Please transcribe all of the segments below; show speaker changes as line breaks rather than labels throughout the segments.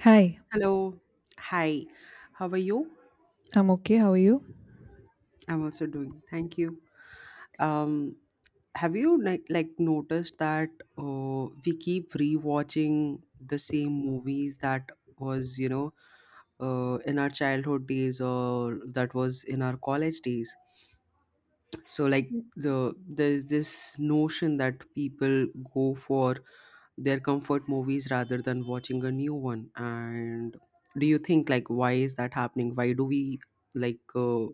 Hi,
Hello. Hi. How are you?
I'm okay. How are you?
I'm also doing. Thank you. Um, have you like noticed that we keep rewatching the same movies that was in our childhood days or that was in our college days? So like
Mm,
the there's this notion that people go for their comfort movies rather than watching a new one. And do you think like why is that happening? Why do we like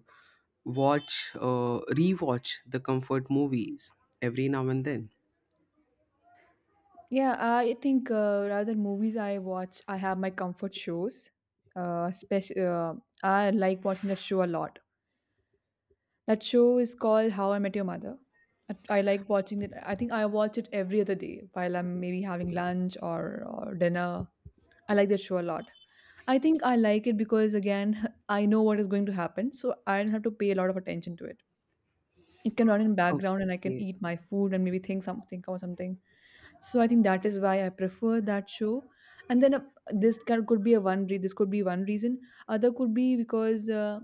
watch rewatch the comfort movies every now and then?
yeah, I think rather movies I watch, I have my comfort shows. Uh, speci- uh, I like watching that show a lot. That show is called How I Met Your Mother. I like watching it. I think I watch it every other day while I'm maybe having lunch or dinner. I like that show a lot. I think I like it because, again, I know what is going to happen, so I don't have to pay a lot of attention to it. It can run in background and I can
Okay.
eat my food and maybe think something or something. So I think that is why I prefer that show. And then, this could be this could be one reason. Other could be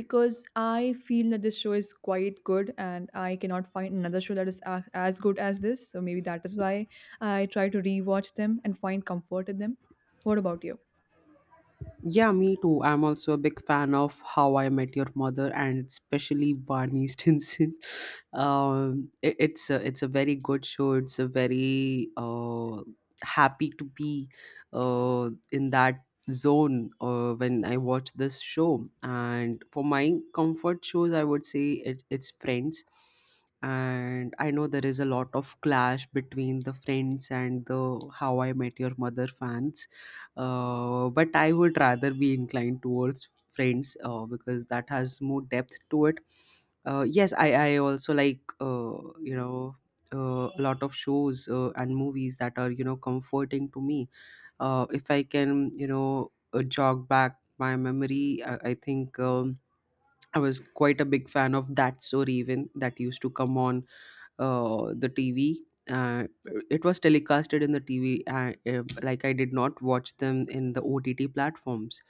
because I feel that this show is quite good and I cannot find another show that is as good as this, so maybe that is why I try to rewatch them and find comfort in them. What about you?
Yeah, me too. I'm also a big fan of How I Met Your Mother and especially Barney Stinson. It's a very good show. It's a very happy to be in that zone when I watch this show. And for my comfort shows, I would say it's Friends. And I know there is a lot of clash between the Friends and the How I Met Your Mother fans, but I would rather be inclined towards Friends because that has more depth to it. Yes, I also like a lot of shows and movies that are comforting to me. If I can jog back my memory, I think I was quite a big fan of that. So even that used to come on the TV. Uh, it was telecasted in the TV. Like I did not watch them in the OTT platforms.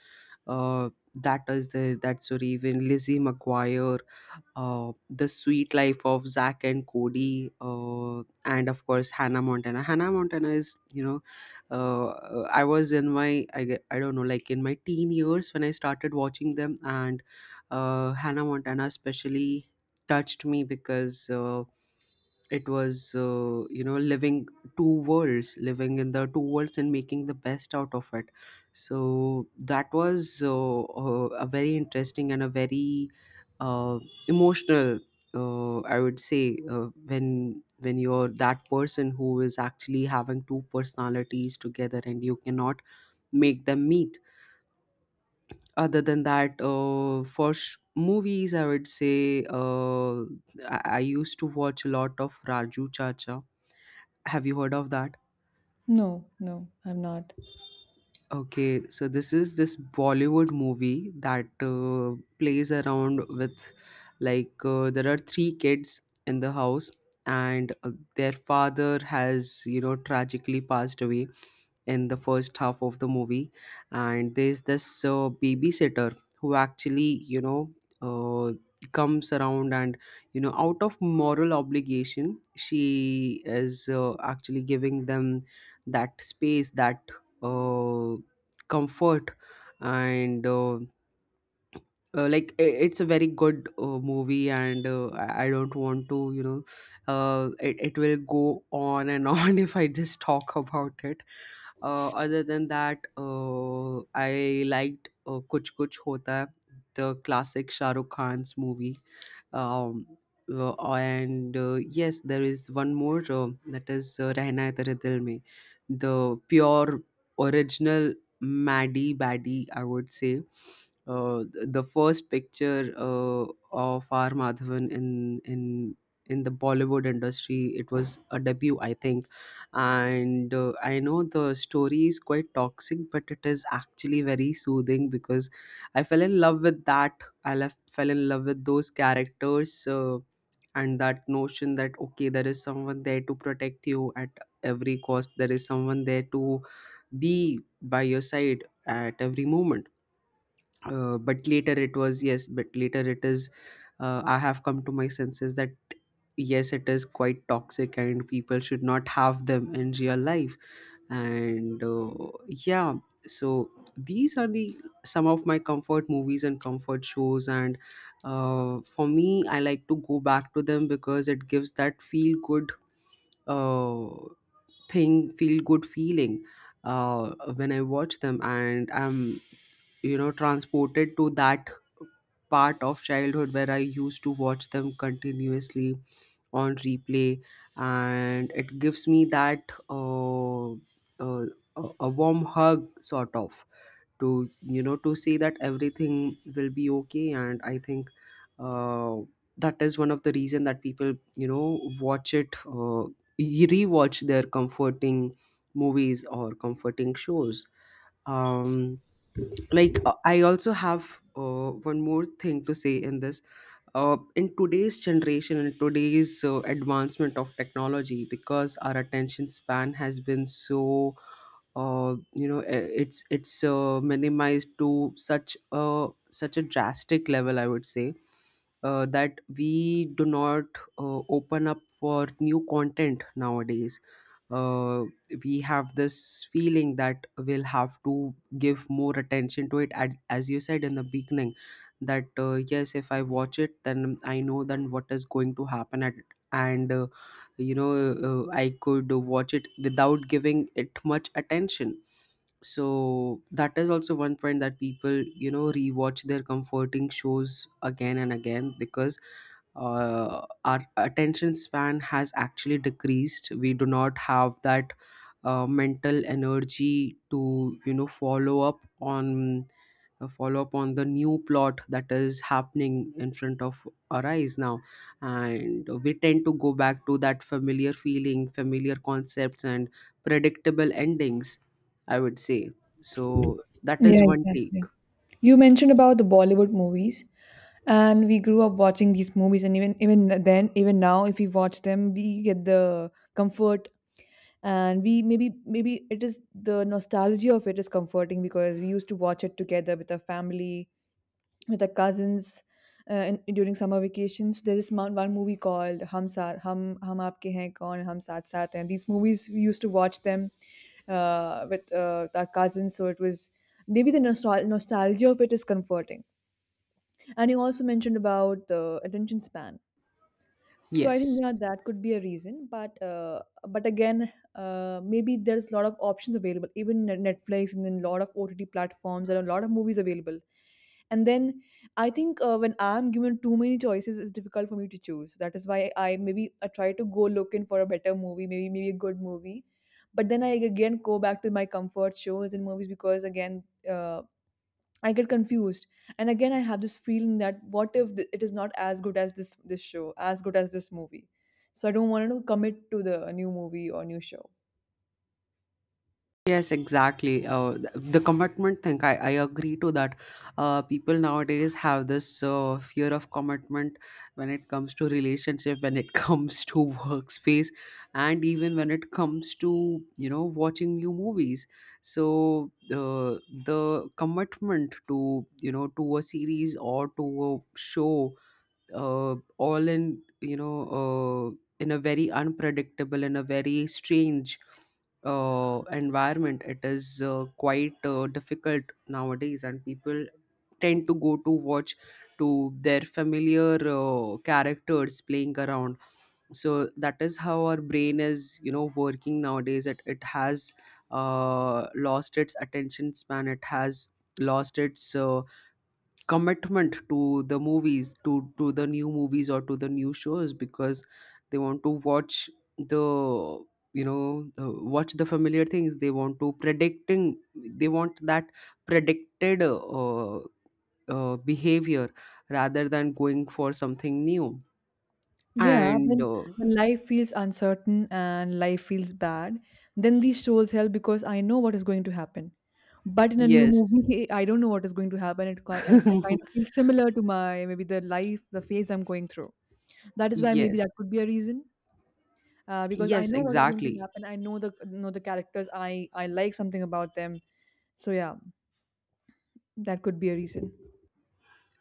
Uh, that is the that's the even Lizzie McGuire, the sweet life of Zach and Cody, and of course Hannah Montana. Hannah Montana is I was in my I don't know, like in my teen years when I started watching them. And Hannah Montana especially touched me because. It was living two worlds, living in the two worlds and making the best out of it. So that was a very interesting and a very uh, emotional, I would say, uh, when when you're that person who is actually having two personalities together and you cannot make them meet. Other than that, movies, I would say I used to watch a lot of Raju Chacha. Have you heard of that?
No, no, I'm not.
Okay, so this is this Bollywood movie that plays around with there are three kids in the house, and their father has tragically passed away in the first half of the movie. And there's this babysitter who actually uh, comes around and, out of moral obligation, she is actually giving them that space, that uh, comfort. And it's a very good movie, and I don't want to, it, it will go on and on if I just talk about it. Other than that, I liked Kuch Kuch Hota, the classic Shah Rukh Khan's movie. Um, and Yes, there is one more, that is rehna hai tere dil mein, the pure original Maddie baddie, I would say, the first picture of R. Madhavan in in the Bollywood industry. It was a debut, I think. And I know the story is quite toxic, but it is actually very soothing because I fell in love with that. I left fell in love with those characters, and that notion that okay, there is someone there to protect you at every cost. There is someone there to be by your side at every moment. But later it was yes, but later it is. I have come to my senses that yes, it is quite toxic and people should not have them in real life. And yeah, so these are the some of my comfort movies and comfort shows. And for me, I like to go back to them because it gives that feel good uh, thing feel good feeling when I watch them, and I'm, transported to that part of childhood where I used to watch them continuously on replay. And it gives me that uh, a warm hug sort of, to, to say that everything will be okay. And I think uh, that is one of the reason that people, watch it, rewatch their comforting movies or comforting shows. um like, I also have one more thing to say in this. In today's generation, in today's advancement of technology, because our attention span has been so, you know eh, it's minimized to such a such a drastic level, I would say, that we do not open up for new content nowadays. uh, we have this feeling that we'll have to give more attention to it, as you said in the beginning, that yes, if I watch it then I know then what is going to happen at. And you know I could watch it without giving it much attention. So that is also one point that people, rewatch their comforting shows again and again, because our attention span has actually decreased. We do not have that mental energy to, follow up on the new plot that is happening in front of our eyes now. And we tend to go back to that familiar feeling, familiar concepts and predictable endings, I would say. So that
Yeah,
is one take.
exactly. You mentioned about the Bollywood movies, and we grew up watching these movies, and even then, even now, if we watch them, we get the comfort, and we maybe it is the nostalgia of it is comforting because we used to watch it together with our family, with the cousins and during summer vacations. There is one movie called Hum Saath, Hum Aapke Hain Kaun, Hum Saath Saath Hain. These movies we used to watch them with our cousins, so it was maybe the nostalgia of it is comforting. And you also mentioned about the attention span. So I think
Yes.
yeah, that could be a reason, but again, maybe there's a lot of options available, even Netflix and then a lot of OTT platforms and a lot of movies available. And then I think when I'm given too many choices, it's difficult for me to choose. That is why I maybe I try to go looking for a better movie, maybe a good movie, but then I again go back to my comfort shows and movies because again, uh, I get confused. And again, I have this feeling that what if it is not as good as this show, as good as this movie? So I don't want to commit to the new movie or new show.
Yes, exactly. The commitment thing, I agree to that. People nowadays have this fear of commitment when it comes to relationship, when it comes to workspace, and even when it comes to, you know, watching new movies. So the commitment to, you know, to a series or to a show, all in you know in a very unpredictable, in a very strange environment, it is quite difficult nowadays, and people tend to go to watch to their familiar characters playing around. So that is how our brain is, working nowadays. It has lost its attention span. It has lost its commitment to the movies, to the new movies or to the new shows, because they want to watch the, watch the familiar things. They want to predicting, they want that predicted behavior rather than going for something new.
Yeah,
And
when when life feels uncertain and life feels bad, then these shows help because I know what is going to happen. But in a new
yes.
movie, I don't know what is going to happen. It kind of feels similar to my maybe the life, the phase I'm going through. That is why maybe
Yes.
that could be a reason. Because I
Yes,
know what is going to
exactly.
happen. I know the characters. I like something about them. So yeah, that could be a reason.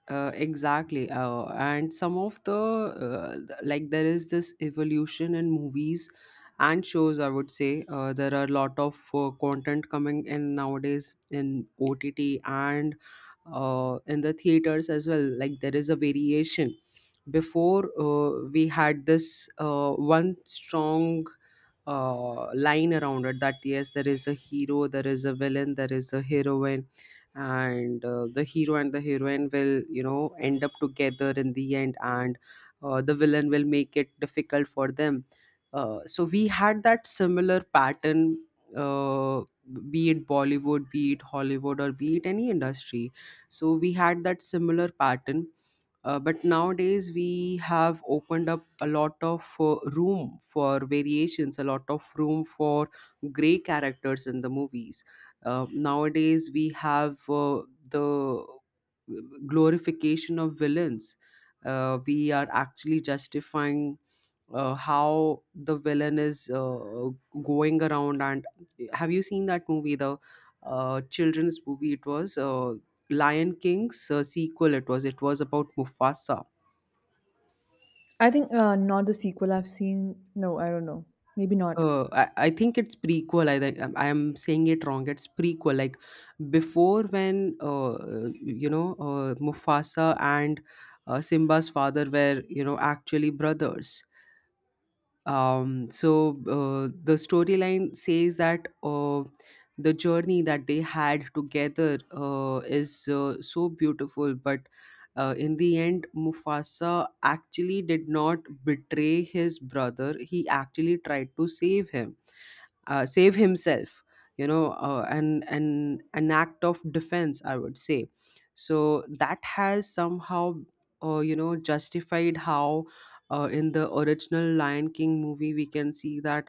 Exactly. And some of the, like, there is this evolution in movies and shows, I would say. There are a lot of content coming in nowadays in OTT and in the theaters as well. Like, there is a variation. Before, we had this one strong line around it, that yes, there is a hero, there is a villain, there is a heroine, and the hero and the heroine will, end up together in the end, and the villain will make it difficult for them. So we had that similar pattern, uh, be it Bollywood, be it Hollywood, or be it any industry. So we had that similar pattern. But nowadays we have opened up a lot of room for variations, a lot of room for gray characters in the movies. Nowadays, we have the glorification of villains. We are actually justifying how the villain is going around. And have you seen that movie, the children's movie? It was Lion King's sequel. It was. It was about Mufasa.
I think not the sequel I've seen. No, I don't know. Maybe not.
I think it's prequel. I think I am saying it wrong. It's prequel. Like before, when Mufasa and Simba's father were, actually brothers. So the storyline says that the journey that they had together is so beautiful, but in the end, Mufasa actually did not betray his brother. He actually tried to save him, save himself, and an act of defense, I would say. So that has somehow justified how, in the original Lion King movie, we can see that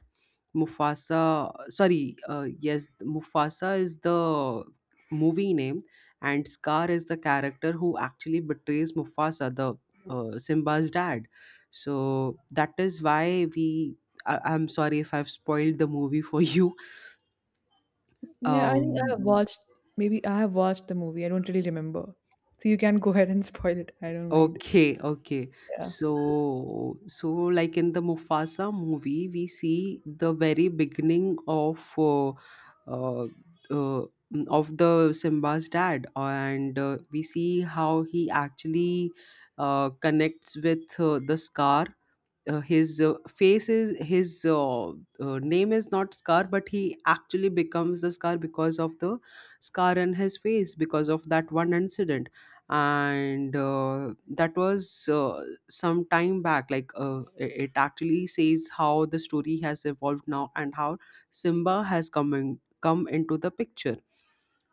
Mufasa, sorry, yes, Mufasa is the movie name, and Scar is the character who actually betrays Mufasa, the Simba's dad. So that is why we, I- I'm sorry if I've spoiled the movie for you.
Yeah, I think I have
Um,
watched. Maybe I have watched the movie. I don't really remember. So you can go ahead and spoil it. I don't mind.
okay, okay.
Yeah,
So, like in the Mufasa movie, we see the very beginning uh, uh, of the Simba's dad. And we see how he actually connects with the Scar. His face is his... name is not Scar, but he actually becomes the Scar because of the scar in his face, because of that one incident. And that was, some time back. Like, it actually says how the story has evolved now, and how Simba has come into the picture.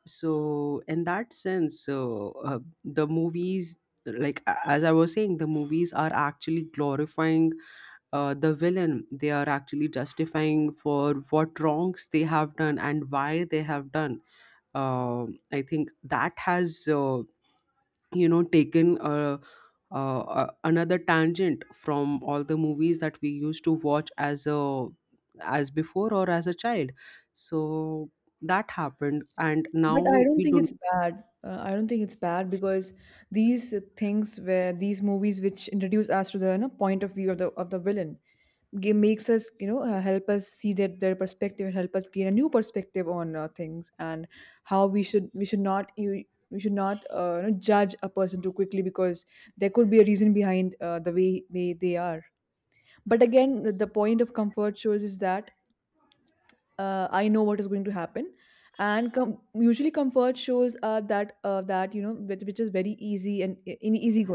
So, in that sense, the movies, like, as I was saying, the movies are actually glorifying the villain. They are actually justifying for what wrongs they have done, and why they have done. Um I think that has taken another tangent from all the movies that we used to watch as before, or as a child. So that happened, and
but I
now
don't
we
think
don't.
it's bad. I don't think it's bad because these things where these movies which introduce us to the, you know, point of view of the villain makes us, you know, help us see that their perspective and help us gain a new perspective on things and how we should not you we should not you know, judge a person too quickly because there could be a reason behind the way they are. But again, the point of comfort shows is that I know what is going to happen. And usually comfort shows are that that you know which is very easy and in easy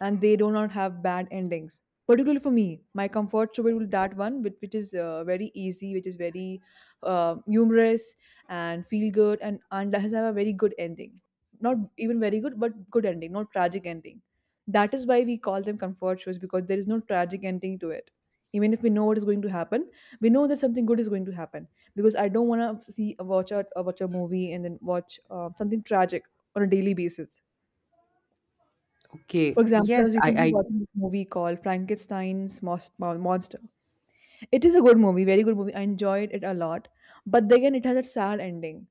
and they do not have bad endings. Particularly for me, my comfort show will that one, which is very easy, which is very humorous and feel good, and does have a very good ending. Not even very good, but good ending, not tragic ending. That is why we call them comfort shows because there is no tragic ending to it. Even if we know what is going to happen, we know that something good is going to happen because I don't want to see watch a watch a movie and then watch something tragic on a daily basis.
Okay.
For example, I
Yes.
was recently
I
watching this movie called Frankenstein's Monster. It is a good movie, very good movie. I enjoyed it a lot, but then again, it has a sad ending.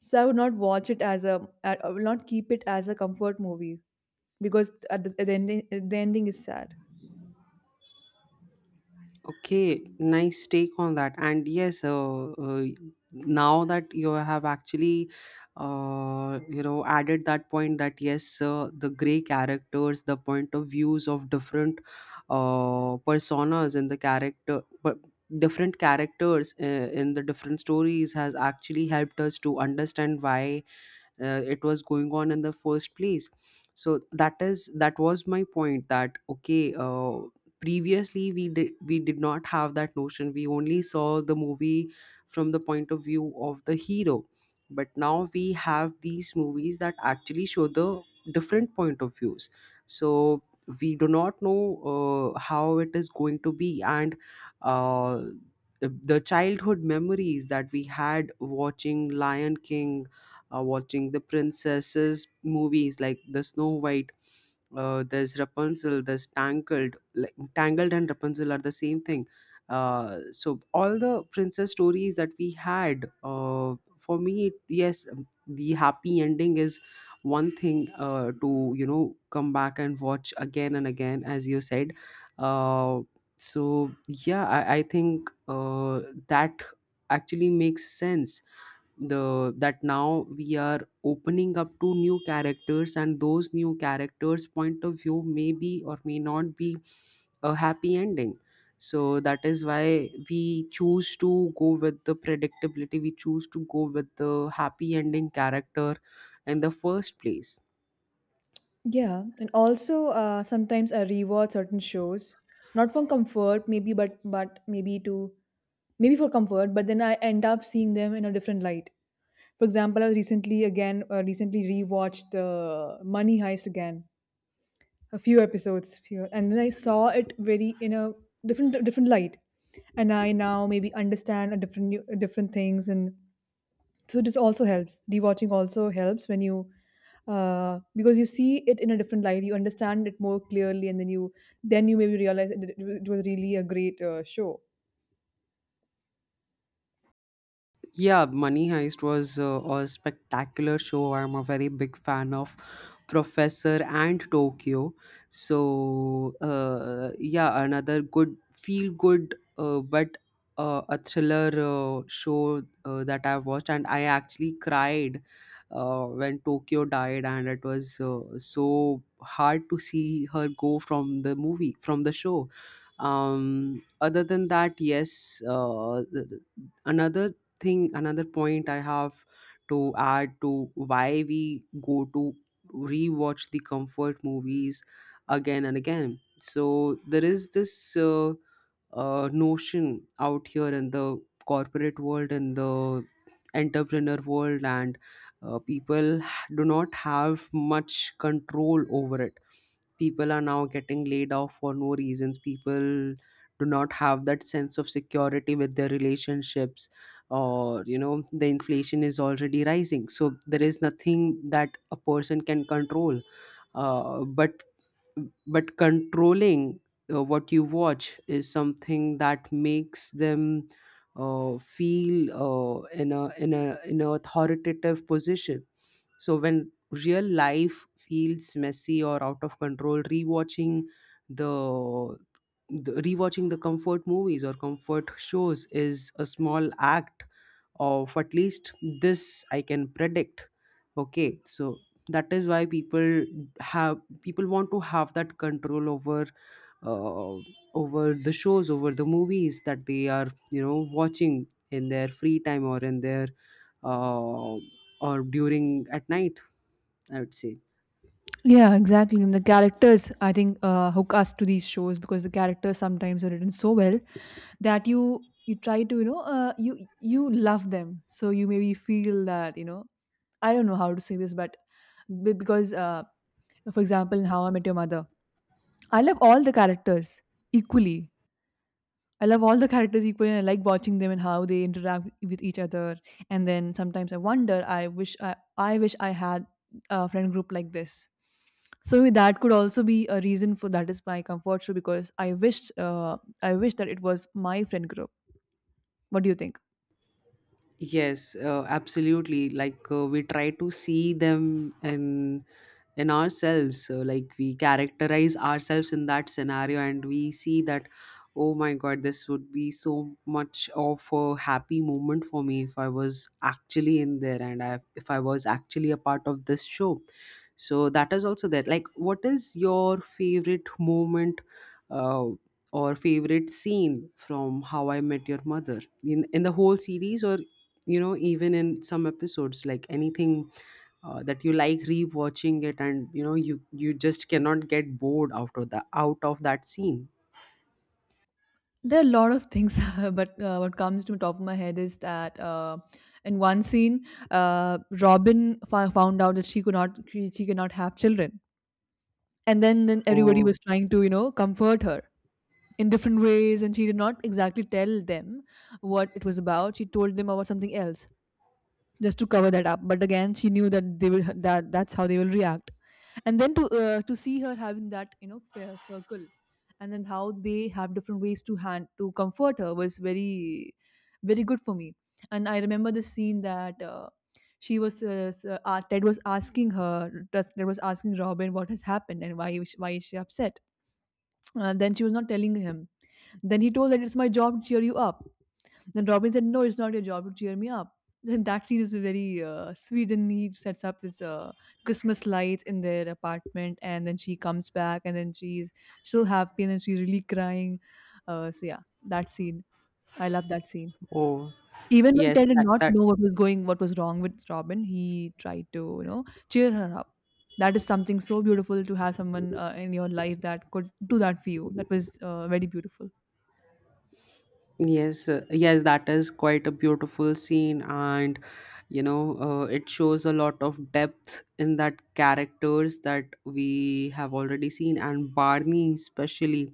So I would not watch it as a, I will not keep it as a comfort movie because at the ending is sad.
Okay, nice take on that. And yes, now that you have actually, added that point, that yes, the gray characters, the point of views of different personas in the character, but different characters in the different stories, has actually helped us to understand why it was going on in the first place. So, that was my point. That, previously, we did not have that notion. We only saw the movie from the point of view of the hero, but now we have these movies that actually show the different point of views. So we do not know how it is going to be. And uh, the childhood memories that we had, watching Lion King, watching the princesses movies, like the Snow White. There's Rapunzel. There's Tangled. Like, Tangled and Rapunzel are the same thing. So, all the princess stories that we had, for me, yes, the happy ending is one thing, to come back and watch again and again, as you said. Uh, so, yeah, I think that actually makes sense. The That now we are opening up to new characters, and those new characters' point of view may be or may not be a happy ending. So that is why we choose to go with the predictability. We choose to go with the happy ending character in the first place.
Yeah, and also sometimes I rewatch certain shows, not for comfort, maybe, but maybe for comfort, but then I end up seeing them in a different light. For example, I recently again recently rewatched Money Heist again, a few episodes, few, and then I saw it very in a different light, and I now maybe understand different things, and so this also helps. Rewatching also helps when you because you see it in a different light, you understand it more clearly, and then you maybe realize that it was really a great show.
Yeah, Money Heist was a spectacular show. I'm a very big fan of Professor and Tokyo. So, yeah, another good, feel good, but a thriller show that I've watched. And I actually cried when Tokyo died, and it was so hard to see her go, from the movie, from the show. Other than that, yes, another another point I have to add to why we go to rewatch the comfort movies again and again. So there is this notion out here in the corporate world, in the entrepreneur world. And people do not have much control over it. People are now getting laid off for no reasons. People do not have that sense of security with their relationships, or the inflation is already rising. So there is nothing that a person can control, uh, but but controlling what you watch is something that makes them feel in an authoritative position. So when real life feels messy or out of control, the, rewatching the comfort movies or comfort shows is a small act of, at least, "this I can predict." Okay, so that is why people want to have that control over uh, over the shows, over the movies that they are watching in their free time, or in their uh, or during at night, I would say.
Yeah, exactly. And the characters, I think, hook us to these shows because the characters sometimes are written so well that you try to you know you love them so you maybe feel that you know I don't know how to say this but be- because for example in How I Met Your Mother I love all the characters equally, I love all the characters equally and I like watching them and how they interact with each other. And then sometimes I wonder I wish I had a friend group like this. So maybe that could also be a reason for that is my comfort show because I wish that it was my friend group. What do you think?
Yes, absolutely. Like, we try to see them in ourselves. So, like, we characterize ourselves in that scenario, and we see that, "Oh my God, this would be so much of a happy moment for me if I was actually in there, and if I was actually a part of this show." So that is also there. Like, what is your favorite moment, uh, or favorite scene from How I Met Your Mother, in the whole series, or even in some episodes, like anything, that you like rewatching it, and you just cannot get bored out of that scene?
There are a lot of things, but what comes to the top of my head is that in one scene, Robin found out that she could not she, she cannot have children, and then everybody
Oh,
was trying to, you know, comfort her in different ways, and she did not exactly tell them what it was about. She told them about something else, just to cover that up. But again, she knew that they will that that's how they will react. And then to see her having that, you know, prayer circle, and then how they have different ways to hand to comfort her was very very good for me. And I remember the scene that. She was s- Ted was asking her Ted was asking Robin what has happened and why is she upset. Then she was not telling him. Then he told that it's my job to cheer you up. Then Robin said, no, it's not your job to cheer me up. Then that scene is very sweet, and he sets up this Christmas lights in their apartment, and then she comes back, and then she's so happy, and then she's really crying. So yeah, that scene, I love that scene.
oh,
Even when
yes.
Ted did
that
not
that
know what was wrong with Robin, he tried to, you know, cheer her up. That is something so beautiful to have someone in your life that could do that for you. That was very beautiful.
Yes, yes, that is quite a beautiful scene. And it shows a lot of depth in that characters that we have already seen, and Barney, especially.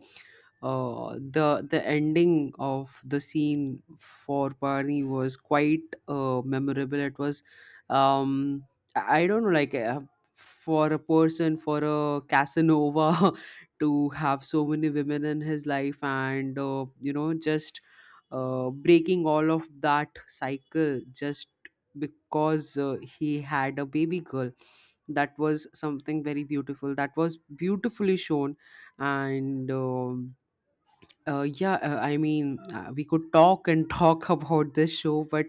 The ending of the scene for Barney was quite memorable. It was, um, I don't know. Like, for a Casanova to have so many women in his life, and just breaking all of that cycle, just because he had a baby girl. That was something very beautiful, that was beautifully shown. And yeah, I mean, we could talk and talk about this show. But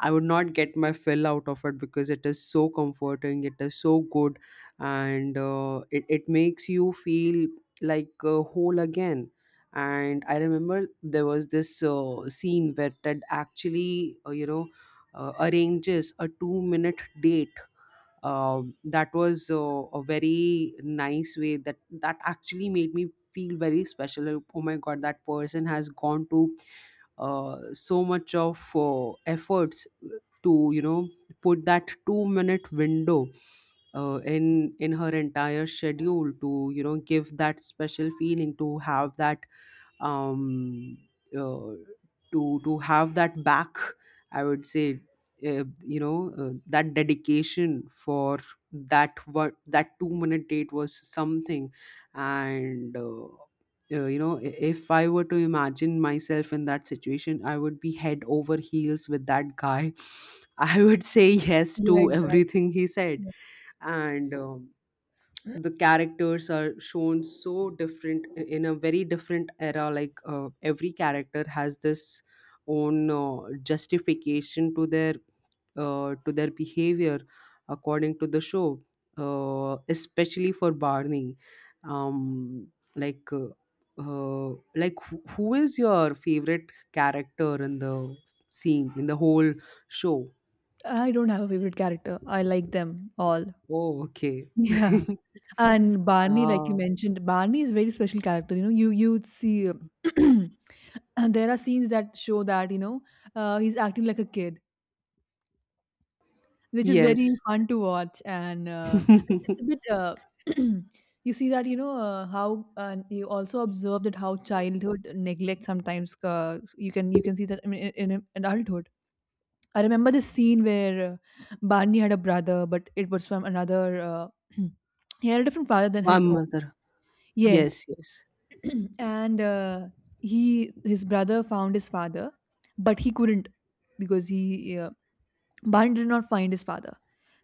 I would not get my fill out of it, because it is so comforting, it is so good, and it makes you feel, like, whole again. And I remember there was this scene where Ted actually, arranges a 2-minute date. That was, a very nice way, that actually made me feel very special. Like, "Oh my God, that person has gone to so much of efforts to put that 2-minute window in her entire schedule, to give that special feeling, to have that um, uh, to have that back, I would say, uh, that dedication for that what that 2-minute date was something." And if I were to imagine myself in that situation, I would be head over heels with that guy. I would say yes to
Yeah, exactly.
everything he said.
Yeah.
And the characters are shown so different in a very different era. Like, every character has this own justification to their behavior, according to the show. Especially for Barney. um, like uh, like, who is your favorite character in the scene in the whole show?
I don't have a favorite character. I like them all.
Oh, okay.
Yeah. And Barney, like you
Ah,
mentioned, Barney is a very special character. You know, you would see and there are scenes that show that you know he's acting like a kid, which is very
yes.
fun to watch, and it's a bit. You see that you know how you also observe that how childhood neglect sometimes you can see that, I mean, in adulthood. I remember the scene where Barney had a brother, but it was from another. He had a different father than his
One
own.
mother. Yes,
Yes,
yes,
and he his brother found his father but he couldn't because he Bhan did not find his father,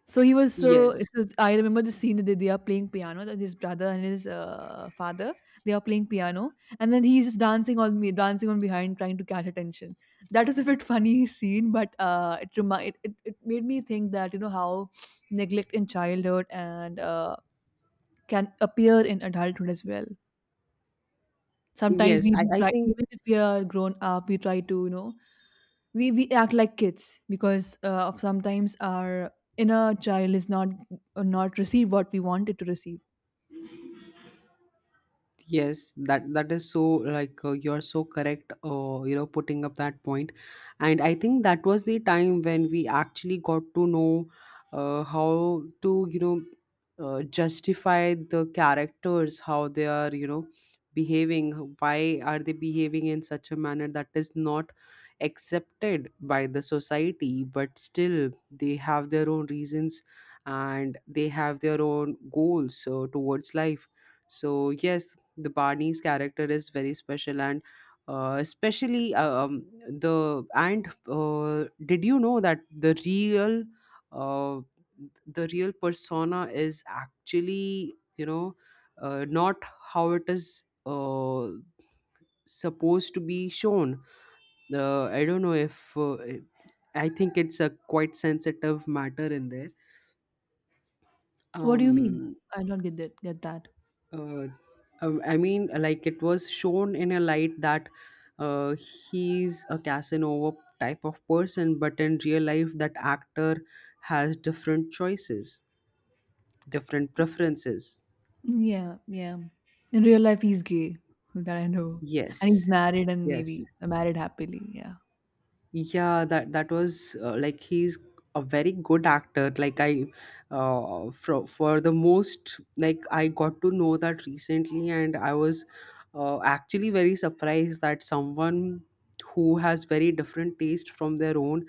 so he was so,
yes,
so I remember the scene that they are playing piano, that his brother and his father they are playing piano, and then he's just dancing on behind trying to catch attention. That is a bit funny scene but it it made me think that you know how neglect in childhood and can appear in adulthood as well. Sometimes
yes.
we
I,
we
I
try,
think,
even if we are grown up, we try to, you know, we act like kids because of sometimes our inner child is not not receive what we wanted to receive.
yes. that that is so... like, you are so correct. Putting up that point, and I think that was the time when we actually got to know how to justify the characters, how they are behaving, why are they behaving in such a manner that is not accepted by the society. But still they have their own reasons, and they have their own goals towards life. So, yes, the Barney's character is very special. And especially, the and did you know that the real... uh, persona is actually, not how it is supposed to be shown? I don't know if... I think it's a quite sensitive matter in there.
What do you mean?
Um,
I don't get that. Get that?
uh, I mean, like, it was shown in a light that uh, he's a Casanova type of person, but in real life, that actor has different choices, different preferences.
Yeah, yeah. In real life, he's gay. That I know, and he's
Yes,
married and
yes.
maybe married happily. Yeah.
Yeah, that was, like, he's a very good actor. Like, for the most, like, I got to know that recently, and I was actually very surprised that someone who has very different taste from their own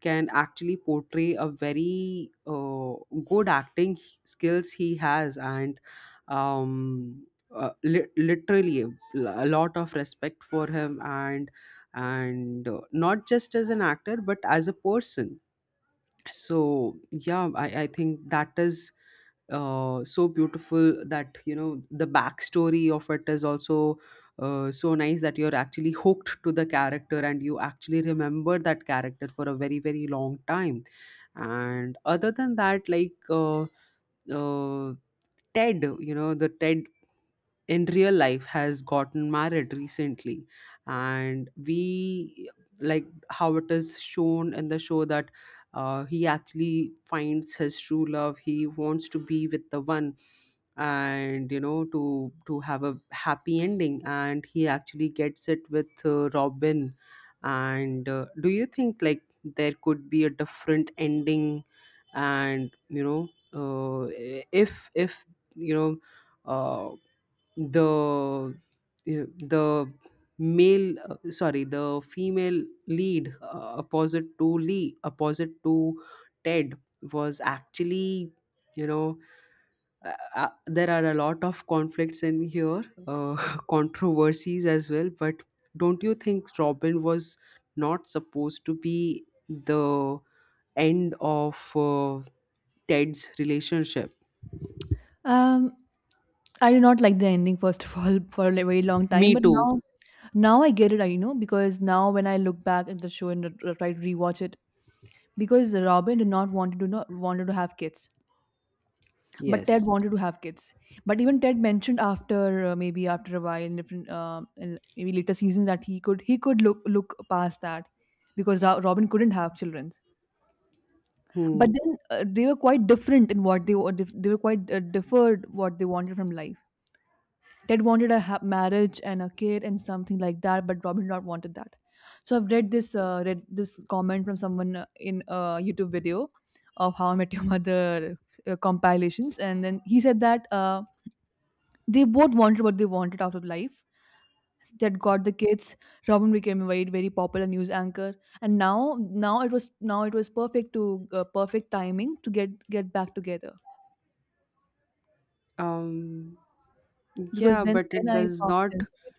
can actually portray a very good acting skills he has. And um, literally a lot of respect for him, and not just as an actor, but as a person. So, yeah, I think that is so beautiful, that the backstory of it is also so nice, that you're actually hooked to the character, and you actually remember that character for a very, very long time. And other than that, like, uh, ted you know the ted in real life has gotten married recently, and we... like, how it is shown in the show, that he actually finds his true love, he wants to be with the one, and to have a happy ending, and he actually gets it with Robin. And do you think, like, there could be a different ending? And if you know uh, the the male, sorry, the female lead, opposite to Ted was actually, you know there are a lot of conflicts in here, controversies as well. But don't you think Robin was not supposed to be the end of Ted's relationship?
Um, I did not like the ending first of all for a very long time,
Me
but
too.
now I get it. I you know because now when I look back at the show and try to rewatch it, because Robin did not want to not wanted to have kids, but Ted
Yes.
wanted to have kids. But even Ted mentioned after maybe after a while in maybe later seasons that he could look past that because Robin couldn't have children.
Hmm.
But then they were quite different in what they were quite differed what they wanted from life. Ted wanted a marriage and a kid and something like that, but Robin Hood wanted that. So I've read this comment from someone in a YouTube video of How I Met Your Mother compilations, and then he said that they both wanted what they wanted out of life. Ted got the kids. Robin became a very popular news anchor, and now it was perfect to perfect timing to get back together
Um,
because
yeah,
then
but
then
it
I
does
found
not,
sense of it.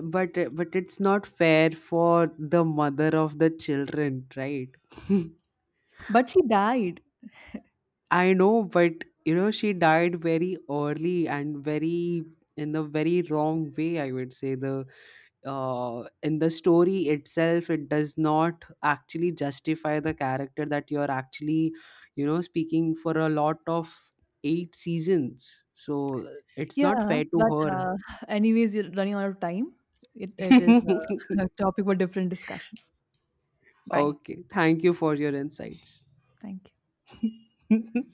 but but it's not fair for the mother of the children, right?
But she died.
I know, but she died very early, and very in a very wrong way. I would say, the in the story itself, it does not actually justify the character that you're actually, speaking for a lot of eight seasons. So it's not
Yeah,
fair
but,
to
anyways, we're running out of time. It is
her.
a a topic for different discussion. Bye.
Okay. Thank you for your insights.
Thank you.